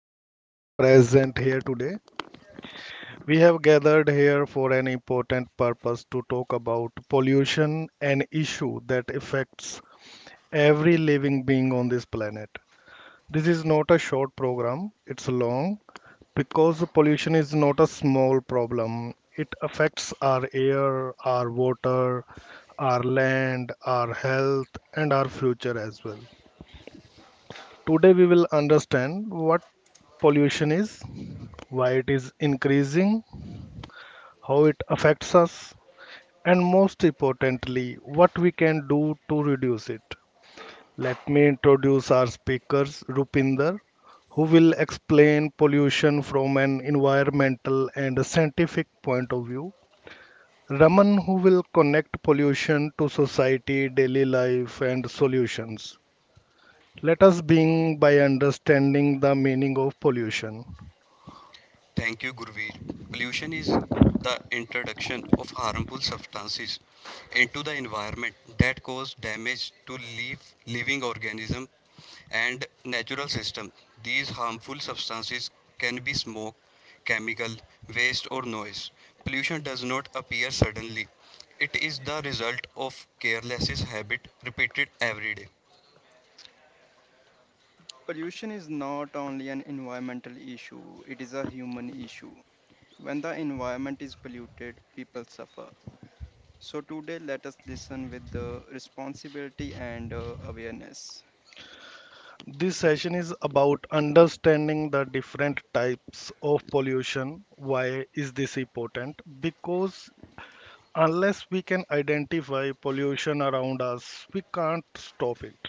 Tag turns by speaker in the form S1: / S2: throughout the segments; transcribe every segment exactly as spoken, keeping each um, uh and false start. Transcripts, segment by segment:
S1: to everyone present here today. We have gathered here for an important purpose to talk about pollution, an issue that affects every living being on this planet. This is not a short program, it's long because pollution is not a small problem. It affects our air, our water, our land, our health, and our future as well. Today we will understand what pollution is, why it is increasing, how it affects us, and most importantly, what we can do to reduce it. Let me introduce our speakers, Rupinder, who will explain pollution from an environmental and scientific point of view. Raman, who will connect pollution to society, daily life, and solutions. Let us begin by understanding the meaning of pollution.
S2: Thank you, Gurveer. Pollution is the introduction of harmful substances into the environment that cause damage to leaf, living organism and natural system. These harmful substances can be smoke, chemical, waste or noise. Pollution does not appear suddenly. It is the result of careless habit repeated every day.
S3: Pollution is not only an environmental issue, it is a human issue. When the environment is polluted, people suffer. So, today, let us listen with the responsibility and uh, awareness.
S1: This session is about understanding the different types of pollution. Why is this important? Because unless we can identify pollution around us, we can't stop it.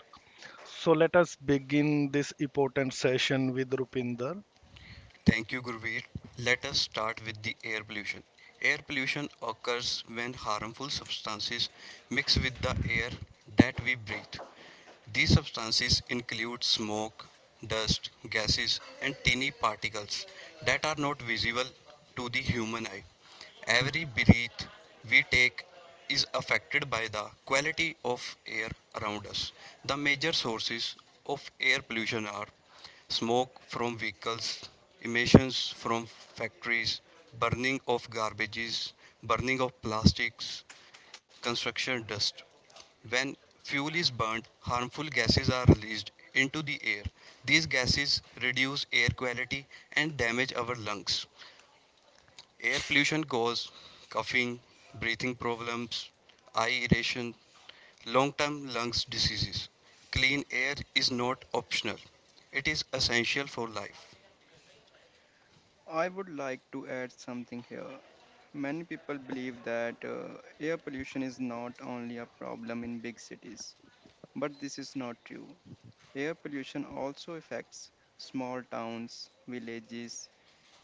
S1: So let us begin this important session with Rupinder.
S2: Thank you, Gurveer. Let us start with the air pollution. Air pollution occurs when harmful substances mix with the air that we breathe. These substances include smoke, dust, gases, and tiny particles that are not visible to the human eye. Every breath we take is affected by the quality of air around us. The major sources of air pollution are smoke from vehicles, emissions from factories, burning of garbages, burning of plastics, construction dust. When fuel is burned, harmful gases are released into the air. These gases reduce air quality and damage our lungs. Air pollution causes coughing, breathing problems, eye irritation, long-term lungs diseases. Clean air is not optional. It is essential for life.
S3: I would like to add something here. Many people believe that uh, air pollution is not only a problem in big cities, but this is not true. Air pollution also affects small towns, villages,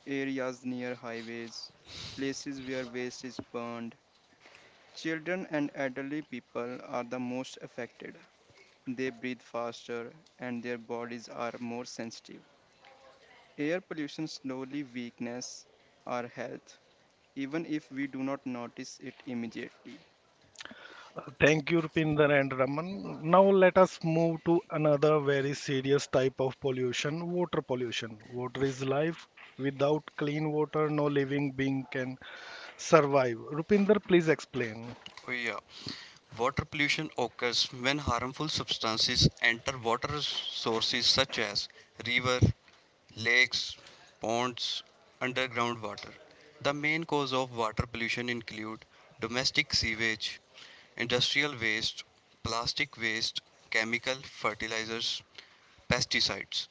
S3: areas near highways, places where waste is burned. Children and elderly people are the most affected. They breathe faster and their bodies are more sensitive. Air pollution slowly weakens our health, even if we do not notice it immediately.
S1: Uh, Thank you, Rupinder and Raman. Now let us move to another very serious type of pollution water pollution. Water is life. Without clean water, no living being can survive. Rupinder, please explain.
S2: Oh, yeah. Water pollution occurs when harmful substances enter water sources such as river, lakes, ponds, underground water. The main cause of water pollution include domestic sewage, industrial waste, plastic waste, chemical fertilizers, pesticides.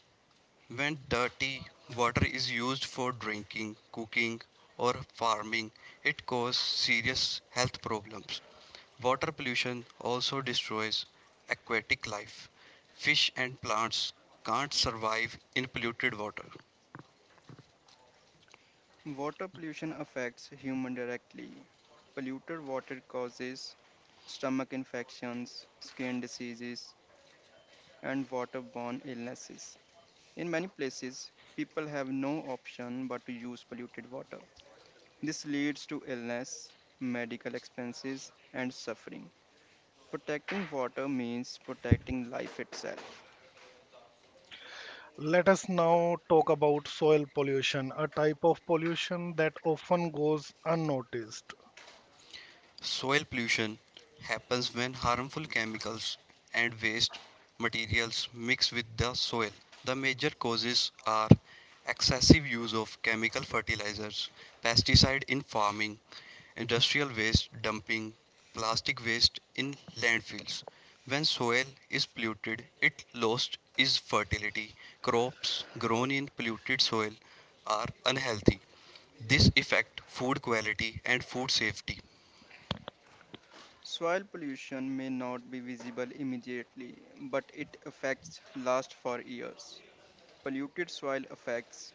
S2: When dirty water is used for drinking, cooking, or farming, it causes serious health problems. Water pollution also destroys aquatic life. Fish and plants can't survive in polluted water.
S3: Water pollution affects human directly. Polluted water causes stomach infections, skin diseases, and waterborne illnesses. In many places, people have no option but to use polluted water. This leads to illness, medical expenses, and suffering. Protecting water means protecting life itself.
S1: Let us now talk about soil pollution, a type of pollution that often goes unnoticed.
S2: Soil pollution happens when harmful chemicals and waste materials mix with the soil. The major causes are excessive use of chemical fertilizers, pesticide in farming, industrial waste dumping, plastic waste in landfills. When soil is polluted, it lost its fertility. Crops grown in polluted soil are unhealthy. This affect food quality and food safety.
S3: Soil pollution may not be visible immediately, but it affects last for years. Polluted soil affects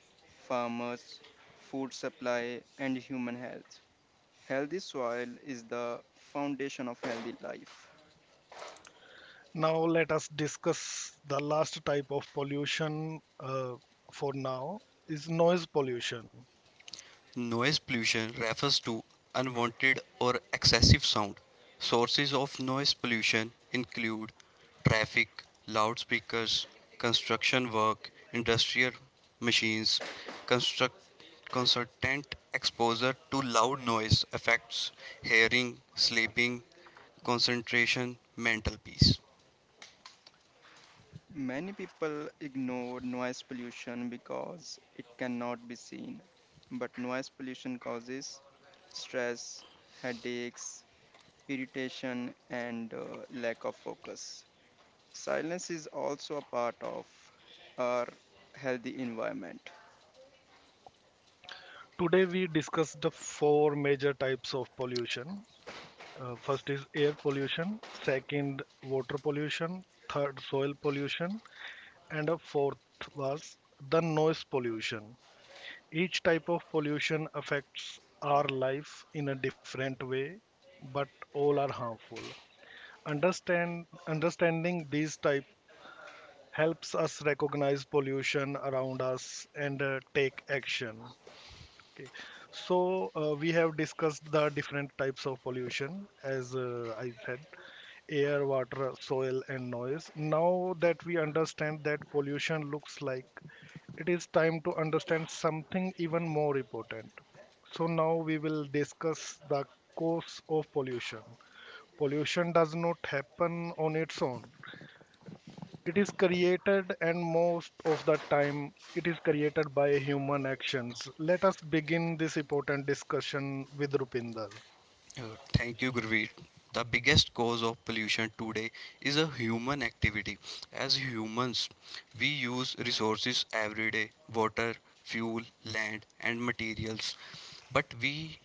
S3: farmers, food supply, and human health. Healthy soil is the foundation of healthy life.
S1: Now, let us discuss the last type of pollution uh, for now is noise pollution.
S2: Noise pollution refers to unwanted or excessive sound. Sources of noise pollution include traffic, loudspeakers, construction work, industrial machines. Construct, constant exposure to loud noise affects hearing, sleeping, concentration, mental peace.
S3: Many people ignore noise pollution because it cannot be seen, but noise pollution causes stress, headaches, irritation, and uh, lack of focus. Silence is also a part of our healthy environment.
S1: Today, we discussed the four major types of pollution. Uh, first is air pollution, second, water pollution, third, soil pollution, and a fourth was the noise pollution. Each type of pollution affects our life in a different way, but all are harmful. Understand understanding these type helps us recognize pollution around us and uh, take action. Okay. So uh, we have discussed the different types of pollution, as uh, I said, air, water, soil, and noise. Now that we understand that pollution looks like it is time to understand something even more important. So now we will discuss the cause of pollution. Pollution does not happen on its own. It is created and most of the time it is created by human actions. Let us begin this important discussion with Rupinder.
S2: Uh, Thank you, Gurveer. The biggest cause of pollution today is a human activity. As humans, we use resources every day: water, fuel, land, and materials. But we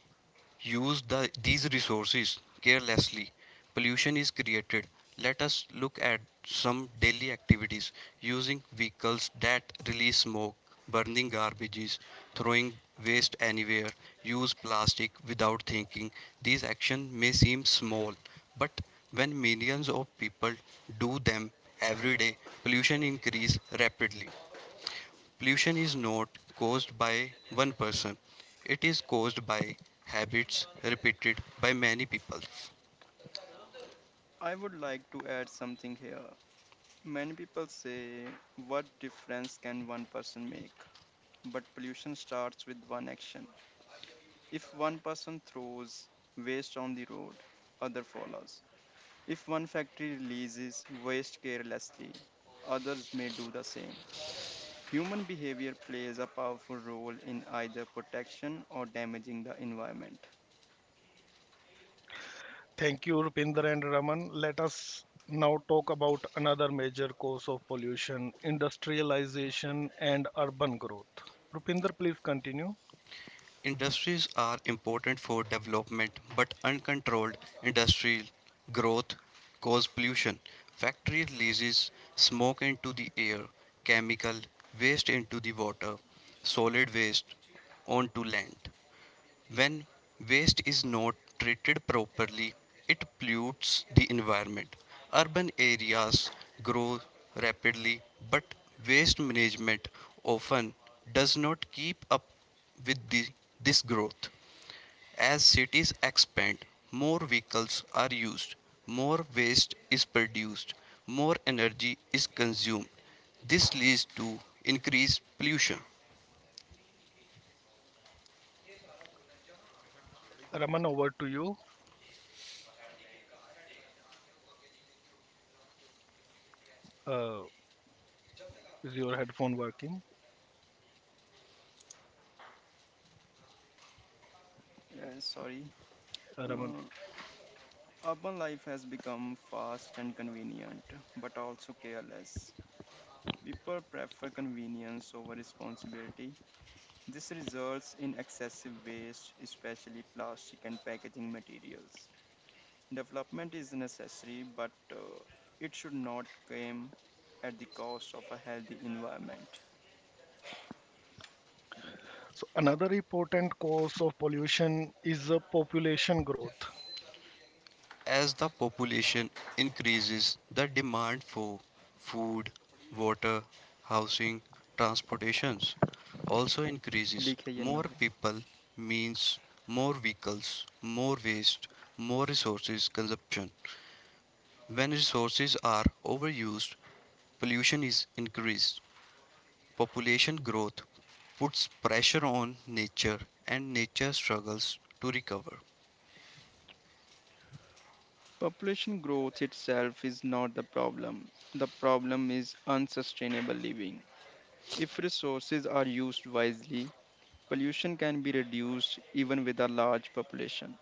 S2: use the, these resources carelessly, pollution is created. Let us look at some daily activities: using vehicles that release smoke, burning garbages, throwing waste anywhere, use plastic without thinking. These actions may seem small, but when millions of people do them every day, pollution increase rapidly. Pollution is not caused by one person, it is caused by habits repeated by many people.
S3: I would like to add something here. Many people say, what difference can one person make? But pollution starts with one action. If one person throws waste on the road, other follows. If one factory releases waste carelessly, others may do the same. Human behavior plays a powerful role in either protection or damaging the environment.
S1: Thank you Rupinder and Raman. Let us now talk about another major cause of pollution, industrialization and urban growth. Rupinder please continue.
S2: Industries are important for development, but uncontrolled industrial growth cause pollution. Factory releases smoke into the air, chemical waste into the water, solid waste onto land. When waste is not treated properly, it pollutes the environment. Urban areas grow rapidly, but waste management often does not keep up with the, this growth. As cities expand, more vehicles are used, more waste is produced, more energy is consumed. This leads to increased pollution.
S1: Raman, over to you. Uh, is your headphone working,
S3: Yeah, sorry.
S1: Uh, Raman?
S3: Uh, Urban life has become fast and convenient, but also careless. People prefer convenience over responsibility. This results in excessive waste, especially plastic and packaging materials. Development is necessary, but uh, it should not come at the cost of a healthy environment.
S1: So another important cause of pollution is uh, population growth.
S2: As the population increases, the demand for food, water, housing, transportations also increases.
S3: लिखे या
S2: More
S3: not.
S2: people means more vehicles, more waste, more resources consumption. When resources are overused, pollution is increased. Population growth puts pressure on nature and nature struggles to recover.
S3: Population growth itself is not the problem. The problem is unsustainable living. If resources are used wisely, pollution can be reduced even with a large population.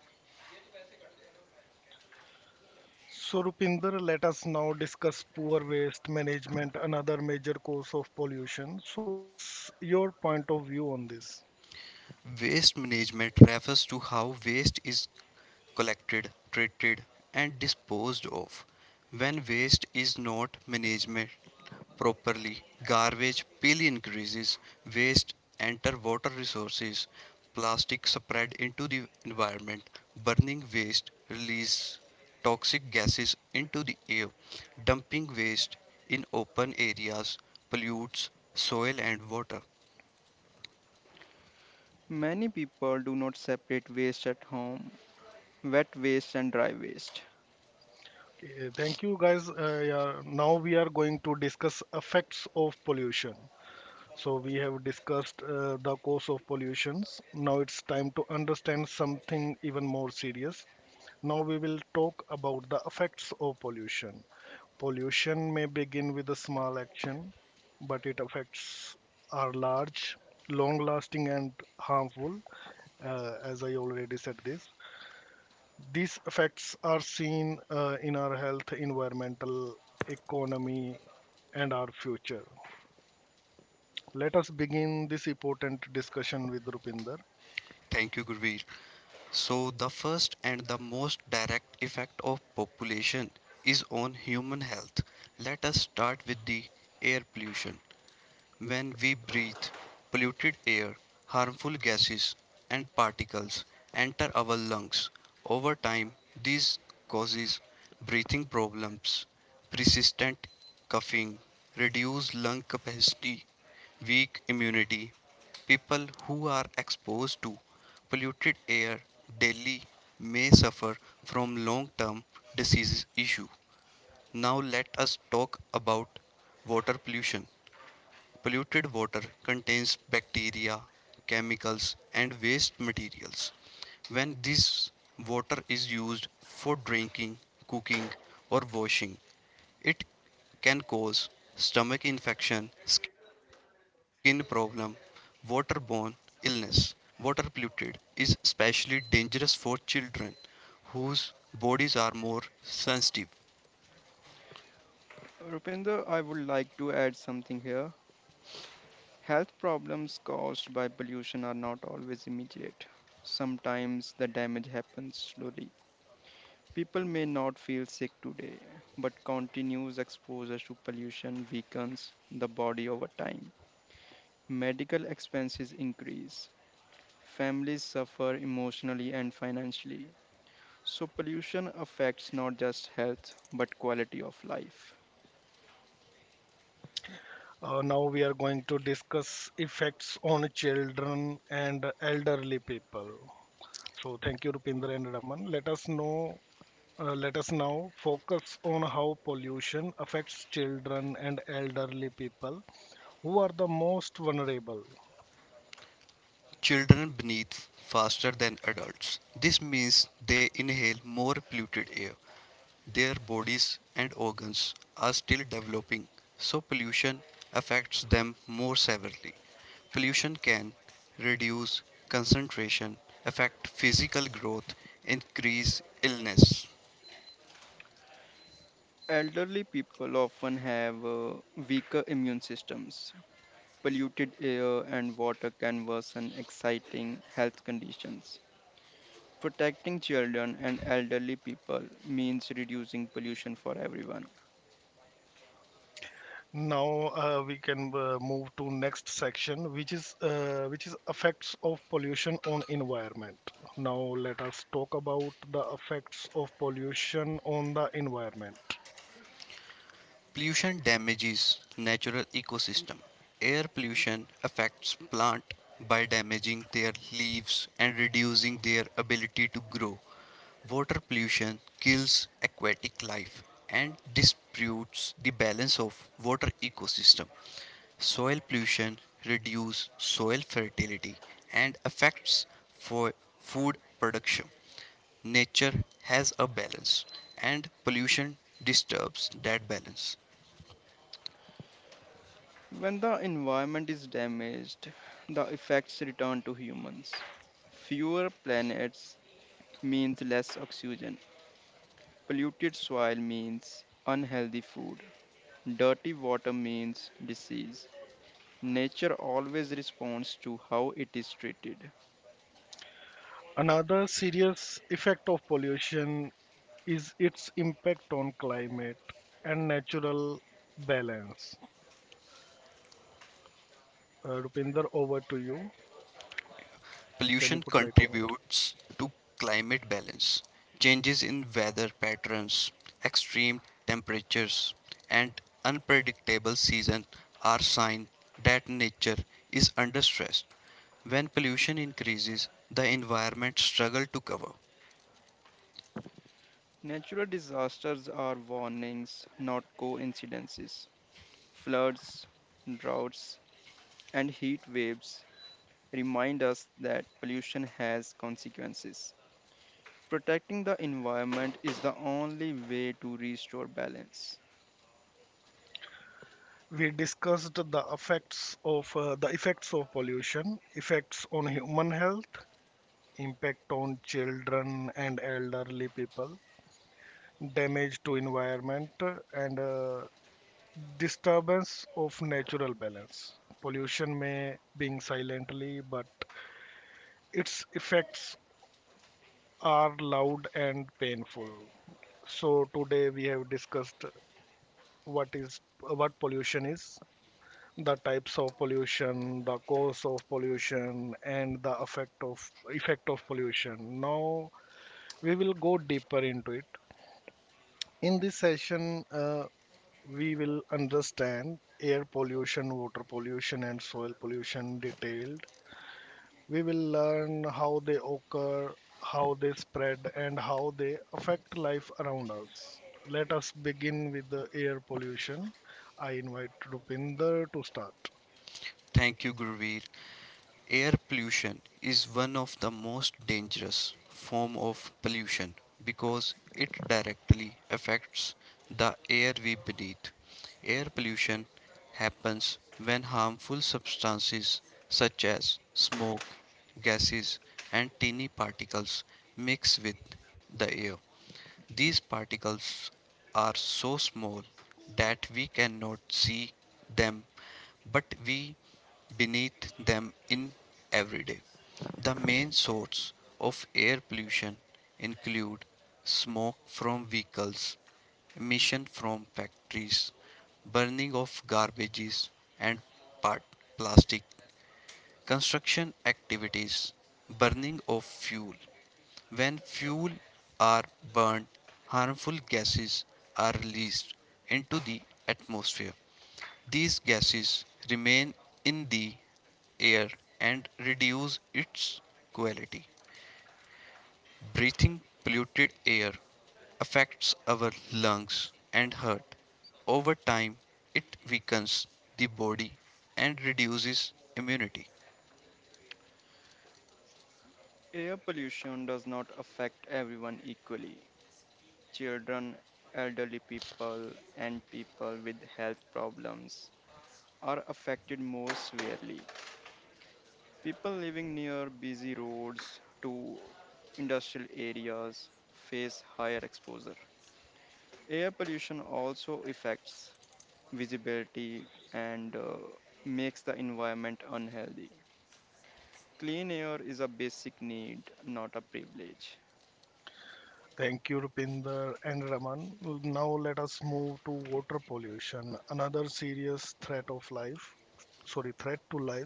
S1: So Rupinder, let us now discuss poor waste management, another major cause of pollution. So what's your point of view on this?
S2: Waste management refers to how waste is collected, treated, and disposed of. When waste is not managed properly, garbage pile increases, waste enter water resources, plastic spread into the environment, burning waste release toxic gases into the air, dumping waste in open areas pollutes soil and water.
S3: Many people do not separate waste at home, wet waste and dry waste.
S1: Okay, thank you guys. Uh, yeah, now we are going to discuss effects of pollution. So we have discussed uh, the cause of pollutions. Now it's time to understand something even more serious. Now we will talk about the effects of pollution. Pollution may begin with a small action, but its effects are large, long lasting, and harmful, uh, as I already said this. These effects are seen uh, in our health, environmental, economy, and our future. Let us begin this important discussion with Rupinder.
S2: Thank you, Gurveer. So, the first and the most direct effect of population is on human health. Let us start with the air pollution. When we breathe, polluted air, harmful gases, and particles enter our lungs. Over time, this causes breathing problems, persistent coughing, reduced lung capacity, weak immunity. People who are exposed to polluted air daily may suffer from long-term disease issue. Now let us talk about water pollution. Polluted water contains bacteria, chemicals, and waste materials. When this water is used for drinking, cooking, or washing, it can cause stomach infection, skin problem, waterborne illness. Water polluted is especially dangerous for children whose bodies are more sensitive.
S3: Rupinder, I would like to add something here. Health problems caused by pollution are not always immediate. Sometimes the damage happens slowly. People may not feel sick today, but continuous exposure to pollution weakens the body over time. Medical expenses increase. Families suffer emotionally and financially. So, pollution affects not just health but quality of life.
S1: Uh, now we are going to discuss effects on children and elderly people. So thank you, Rupinder and Raman. Let us know. Uh, let us now focus on how pollution affects children and elderly people who are the most vulnerable.
S2: Children breathe faster than adults. This means they inhale more polluted air. Their bodies and organs are still developing, so pollution affects them more severely. Pollution can reduce concentration, affect physical growth, increase illness.
S3: Elderly people often have uh, weaker immune systems polluted air and water can worsen exciting health conditions. Protecting children and elderly people means reducing pollution for everyone.
S1: Now uh, we can uh, move to next section, which is uh, which is effects of pollution on environment. Now let us talk about the effects of pollution on the environment.
S2: Pollution damages natural ecosystem. Air pollution affects plant by damaging their leaves and reducing their ability to grow. Water pollution kills aquatic life and disputes the balance of water ecosystem. Soil pollution reduces soil fertility and affects for food production. Nature has a balance and pollution disturbs that balance.
S3: When the environment is damaged, the effects return to humans. Fewer planets means less oxygen. Polluted soil means unhealthy food. Dirty water means disease. Nature always responds to how it is treated.
S1: Another serious effect of pollution is its impact on climate and natural balance. Uh, Rupinder, over to you. Can you
S2: Pollution
S1: put light on it?
S2: contributes to climate balance, changes in weather patterns, extreme temperatures, and unpredictable seasons are signs that nature is under stress. When pollution increases, the environment struggles to cover.
S3: Natural disasters are warnings, not coincidences. Floods, droughts, and heat waves remind us that pollution has consequences. Protecting the environment is the only way to restore balance.
S1: We discussed the effects of uh, the effects of pollution, effects on human health, impact on children and elderly people, damage to environment, and uh, disturbance of natural balance. Pollution may being silently, but its effects are loud and painful. So today we have discussed what is what pollution is, the types of pollution, the cause of pollution, and the effect of effect of pollution. Now we will go deeper into it. In this session, uh, we will understand air pollution, water pollution, and soil pollution detailed. We will learn how they occur, how they spread, and how they affect life around us. Let us begin with the air pollution. I invite Rupinder to start.
S2: Thank you, Gurveer. Air pollution is one of the most dangerous form of pollution because it directly affects the air we breathe. Air pollution happens when harmful substances such as smoke, gases and tiny particles mix with the air. These particles are so small that we cannot see them, but we beneath them in every day. The main source of air pollution include smoke from vehicles, emission from factories, burning of garbages and part plastic, construction activities, burning of fuel. When fuel are burned, harmful gases are released into the atmosphere. These gases remain in the air and reduce its quality. Breathing polluted air affects our lungs and heart. Over time, it weakens the body and reduces immunity.
S3: Air pollution does not affect everyone equally. Children, elderly people, and people with health problems are affected more severely. People living near busy roads to industrial areas face higher exposure. Air pollution also affects visibility and uh, makes the environment unhealthy. Clean air is a basic need, not a privilege.
S1: Thank you, Rupinder and Raman. Now let us move to water pollution, another serious threat of life, sorry, threat to life.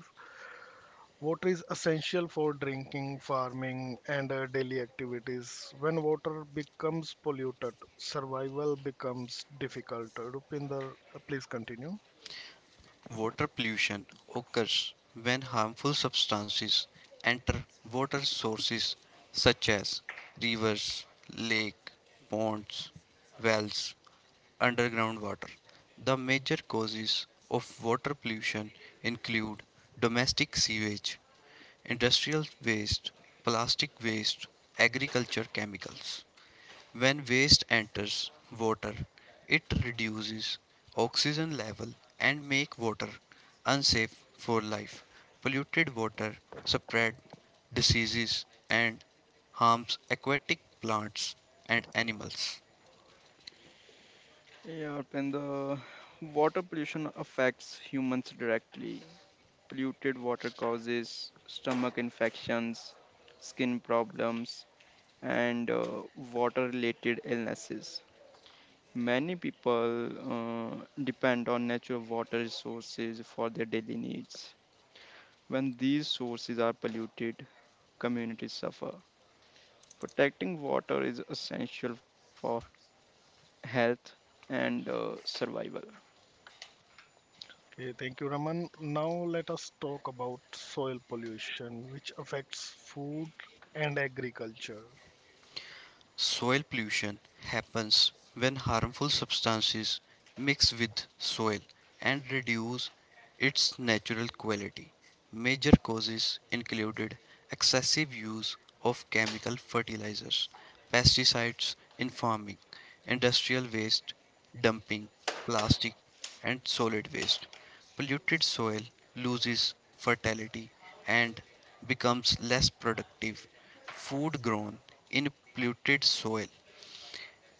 S1: Water is essential for drinking, farming, and uh, daily activities. When water becomes polluted, survival becomes difficult. Rupinder, uh, please continue.
S2: Water pollution occurs when harmful substances enter water sources such as rivers, lakes, ponds, wells, underground water. The major causes of water pollution include domestic sewage, industrial waste, plastic waste, agriculture chemicals. When waste enters water, it reduces oxygen level and make water unsafe for life. Polluted water spread diseases and harms aquatic plants and animals.
S3: Yeah, and the water pollution affects humans directly. Polluted water causes stomach infections, skin problems, and uh, water related illnesses. Many people uh, depend on natural water resources for their daily needs. When these sources are polluted, communities suffer. Protecting water is essential for health and uh, survival.
S1: Okay, thank you, Raman. Now let us talk about soil pollution, which affects food and agriculture.
S2: Soil pollution happens when harmful substances mix with soil and reduce its natural quality. Major causes included excessive use of chemical fertilizers, pesticides in farming, industrial waste, dumping, plastic, and solid waste. Polluted soil loses fertility and becomes less productive. Food grown in polluted soil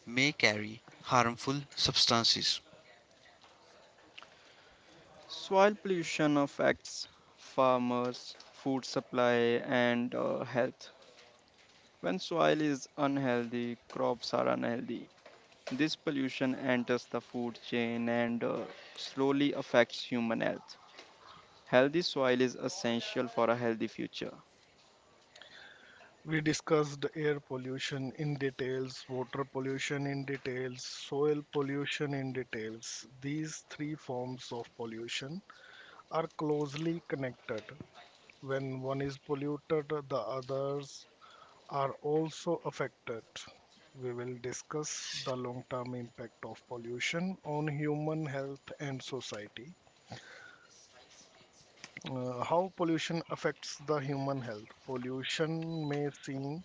S2: may carry harmful substances.
S3: Soil pollution affects farmers, food supply, and uh, health. When soil is unhealthy, crops are unhealthy. This pollution enters the food chain and uh, slowly affects human health. Healthy soil is essential for a healthy future.
S1: We discussed air pollution in details, water pollution in details, soil pollution in details. These three forms of pollution are closely connected. When one is polluted, the others are also affected. We will discuss the long term impact of pollution on human health and society. Uh, how pollution affects the human health. Pollution may seem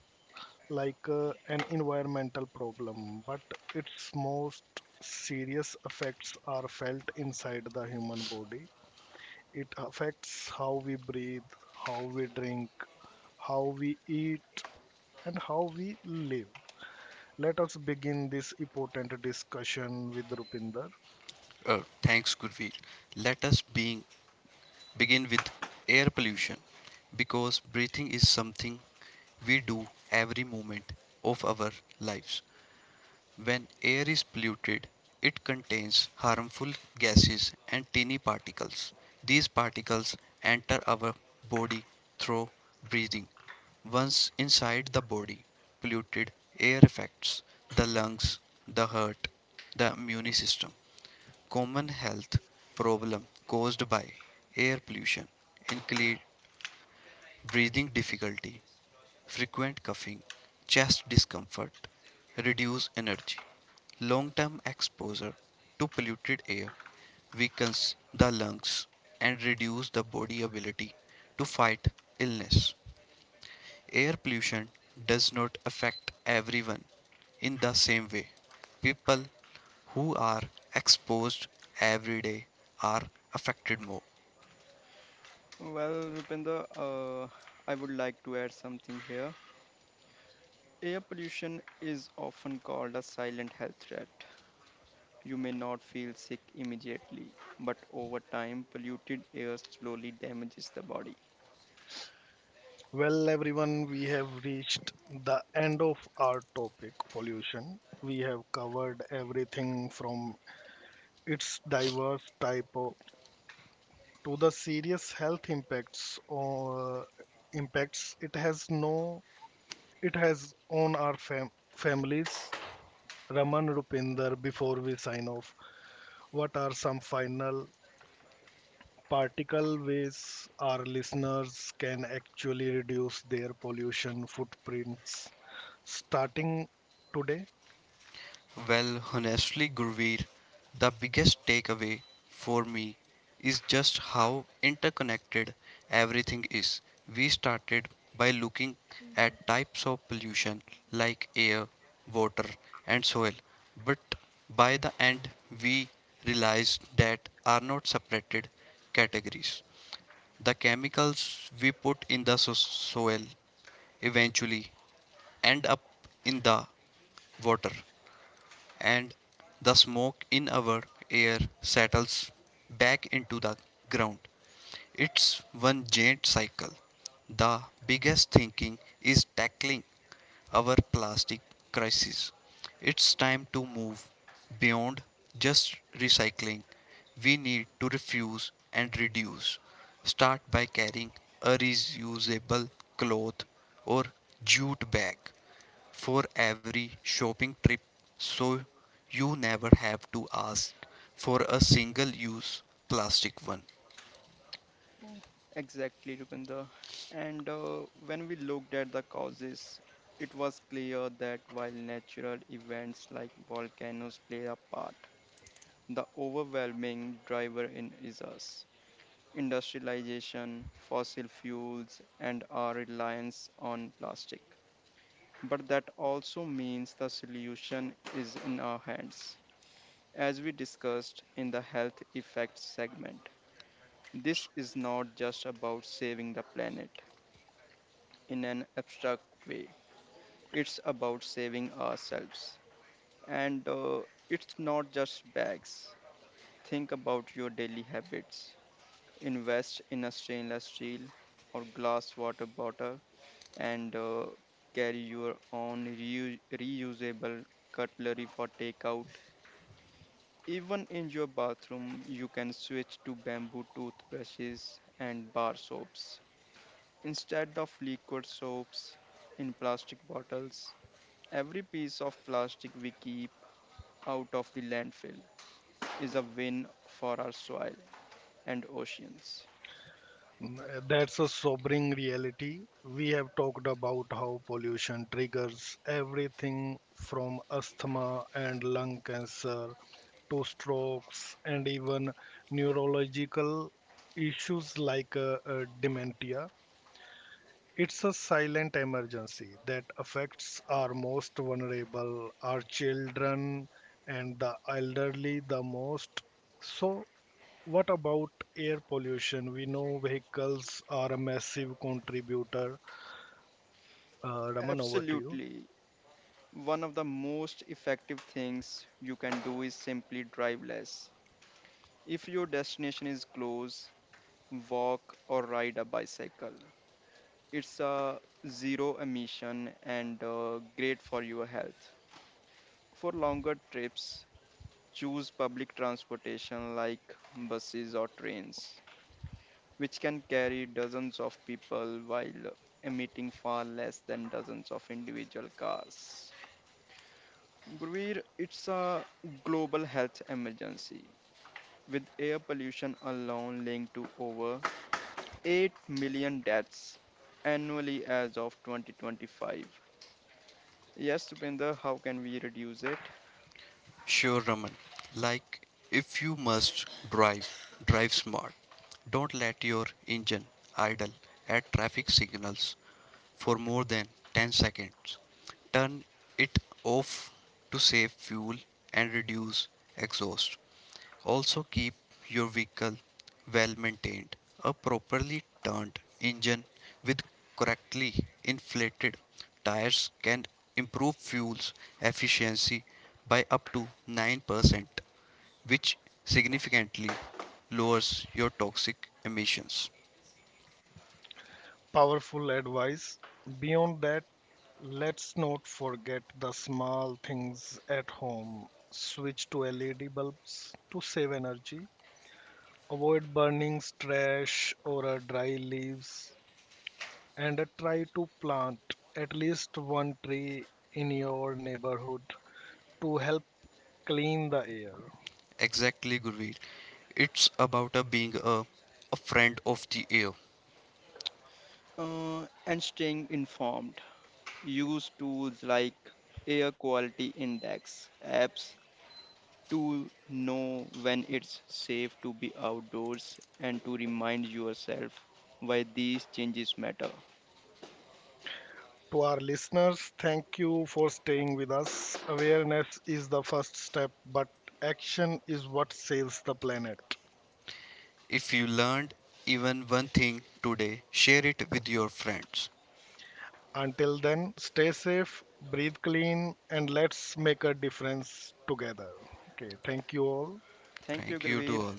S1: like uh, an environmental problem, but its most serious effects are felt inside the human body. It affects how we breathe, how we drink, how we eat, and how we live. Let us begin this important discussion with Rupinder.
S2: Uh, thanks, Gurveer. Let us being, begin with air pollution because breathing is something we do every moment of our lives. When air is polluted, it contains harmful gases and tiny particles. These particles enter our body through breathing. Once inside the body, polluted air affects the lungs, the heart, the immune system. Common health problem caused by air pollution include breathing difficulty, frequent coughing, chest discomfort, reduced energy. Long-term exposure to polluted air weakens the lungs and reduces the body ability to fight illness. Air pollution does not affect everyone in the same way. People who are exposed every day are affected more.
S3: Well, Rupinder, uh, I would like to add something here. Air pollution is often called a silent health threat. You may not feel sick immediately, but over time, polluted air slowly damages the body.
S1: Well, everyone, we have reached the end of our topic pollution. We have covered everything from its diverse type of- to the serious health impacts or impacts it has no it has on our fam- families. Raman Rupinder, before we sign off, what are some final practical ways our listeners can actually reduce their pollution footprints starting today.
S2: Well, honestly, Gurveer, the biggest takeaway for me is just how interconnected everything is. We started by looking at types of pollution like air, water, and soil, but by the end, we realized that are not separated categories. The chemicals we put in the so- soil eventually end up in the water, and the smoke in our air settles back into the ground. It's one giant cycle. The biggest thinking is tackling our plastic crisis. It's time to move beyond just recycling. We need to refuse and reduce. Start by carrying a reusable cloth or jute bag for every shopping trip so you never have to ask for a single use plastic one.
S3: Exactly, Rupinder. And uh, when we looked at the causes, it was clear that while natural events like volcanoes play a part, the overwhelming driver in is us industrialization, fossil fuels, and our reliance on plastic. But that also means the solution is in our hands. As we discussed in the health effects segment, this is not just about saving the planet in an abstract way, it's about saving ourselves. And uh, it's not just bags. Think about your daily habits. Invest in a stainless steel or glass water bottle and uh, carry your own reu- reusable cutlery for takeout. Even in your bathroom, you can switch to bamboo toothbrushes and bar soaps instead of liquid soaps in plastic bottles. Every piece of plastic we keep out of the landfill is a win for our soil and oceans.
S1: Mm, that's a sobering reality. We have talked about how pollution triggers everything from asthma and lung cancer to strokes and even neurological issues like uh, uh, dementia. It's a silent emergency that affects our most vulnerable, our children and the elderly the most. So, what about air pollution? We know vehicles are a massive contributor. Uh, Raman, over to you.
S3: Absolutely. One of the most effective things you can do is simply drive less. If your destination is close, walk or ride a bicycle. It's a zero emission and uh, great for your health. For longer trips, choose public transportation like buses or trains, which can carry dozens of people while emitting far less than dozens of individual cars. Gurveer, it's a global health emergency with air pollution alone linked to over eight million deaths annually as of twenty twenty-five. Yes, Supinder, how can we reduce it?
S2: Sure, Raman, like if you must drive, drive smart. Don't let your engine idle at traffic signals for more than ten seconds. Turn it off to save fuel and reduce exhaust. Also, keep your vehicle well maintained. A properly turned engine with correctly inflated tires can improve fuel's efficiency by up to nine percent, which significantly lowers your toxic emissions.
S1: Powerful advice. Beyond that, let's not forget the small things at home. Switch to L E D bulbs to save energy. Avoid burning trash or uh, dry leaves and try to plant at least one tree in your neighborhood to help clean the air.
S2: Exactly, Gurveer. It's about a being a, a friend of the air.
S3: Uh, and staying informed. Use tools like Air Quality Index apps to know when it's safe to be outdoors and to remind yourself why these changes matter.
S1: To our listeners, thank you for staying with us. Awareness is the first step, but action is what saves the planet.
S2: If you learned even one thing today, share it with your friends.
S1: Until then, stay safe, breathe clean, and let's make a difference together. Okay, thank you all.
S3: Thank you,
S2: Thank you to
S3: Gravir.
S2: all.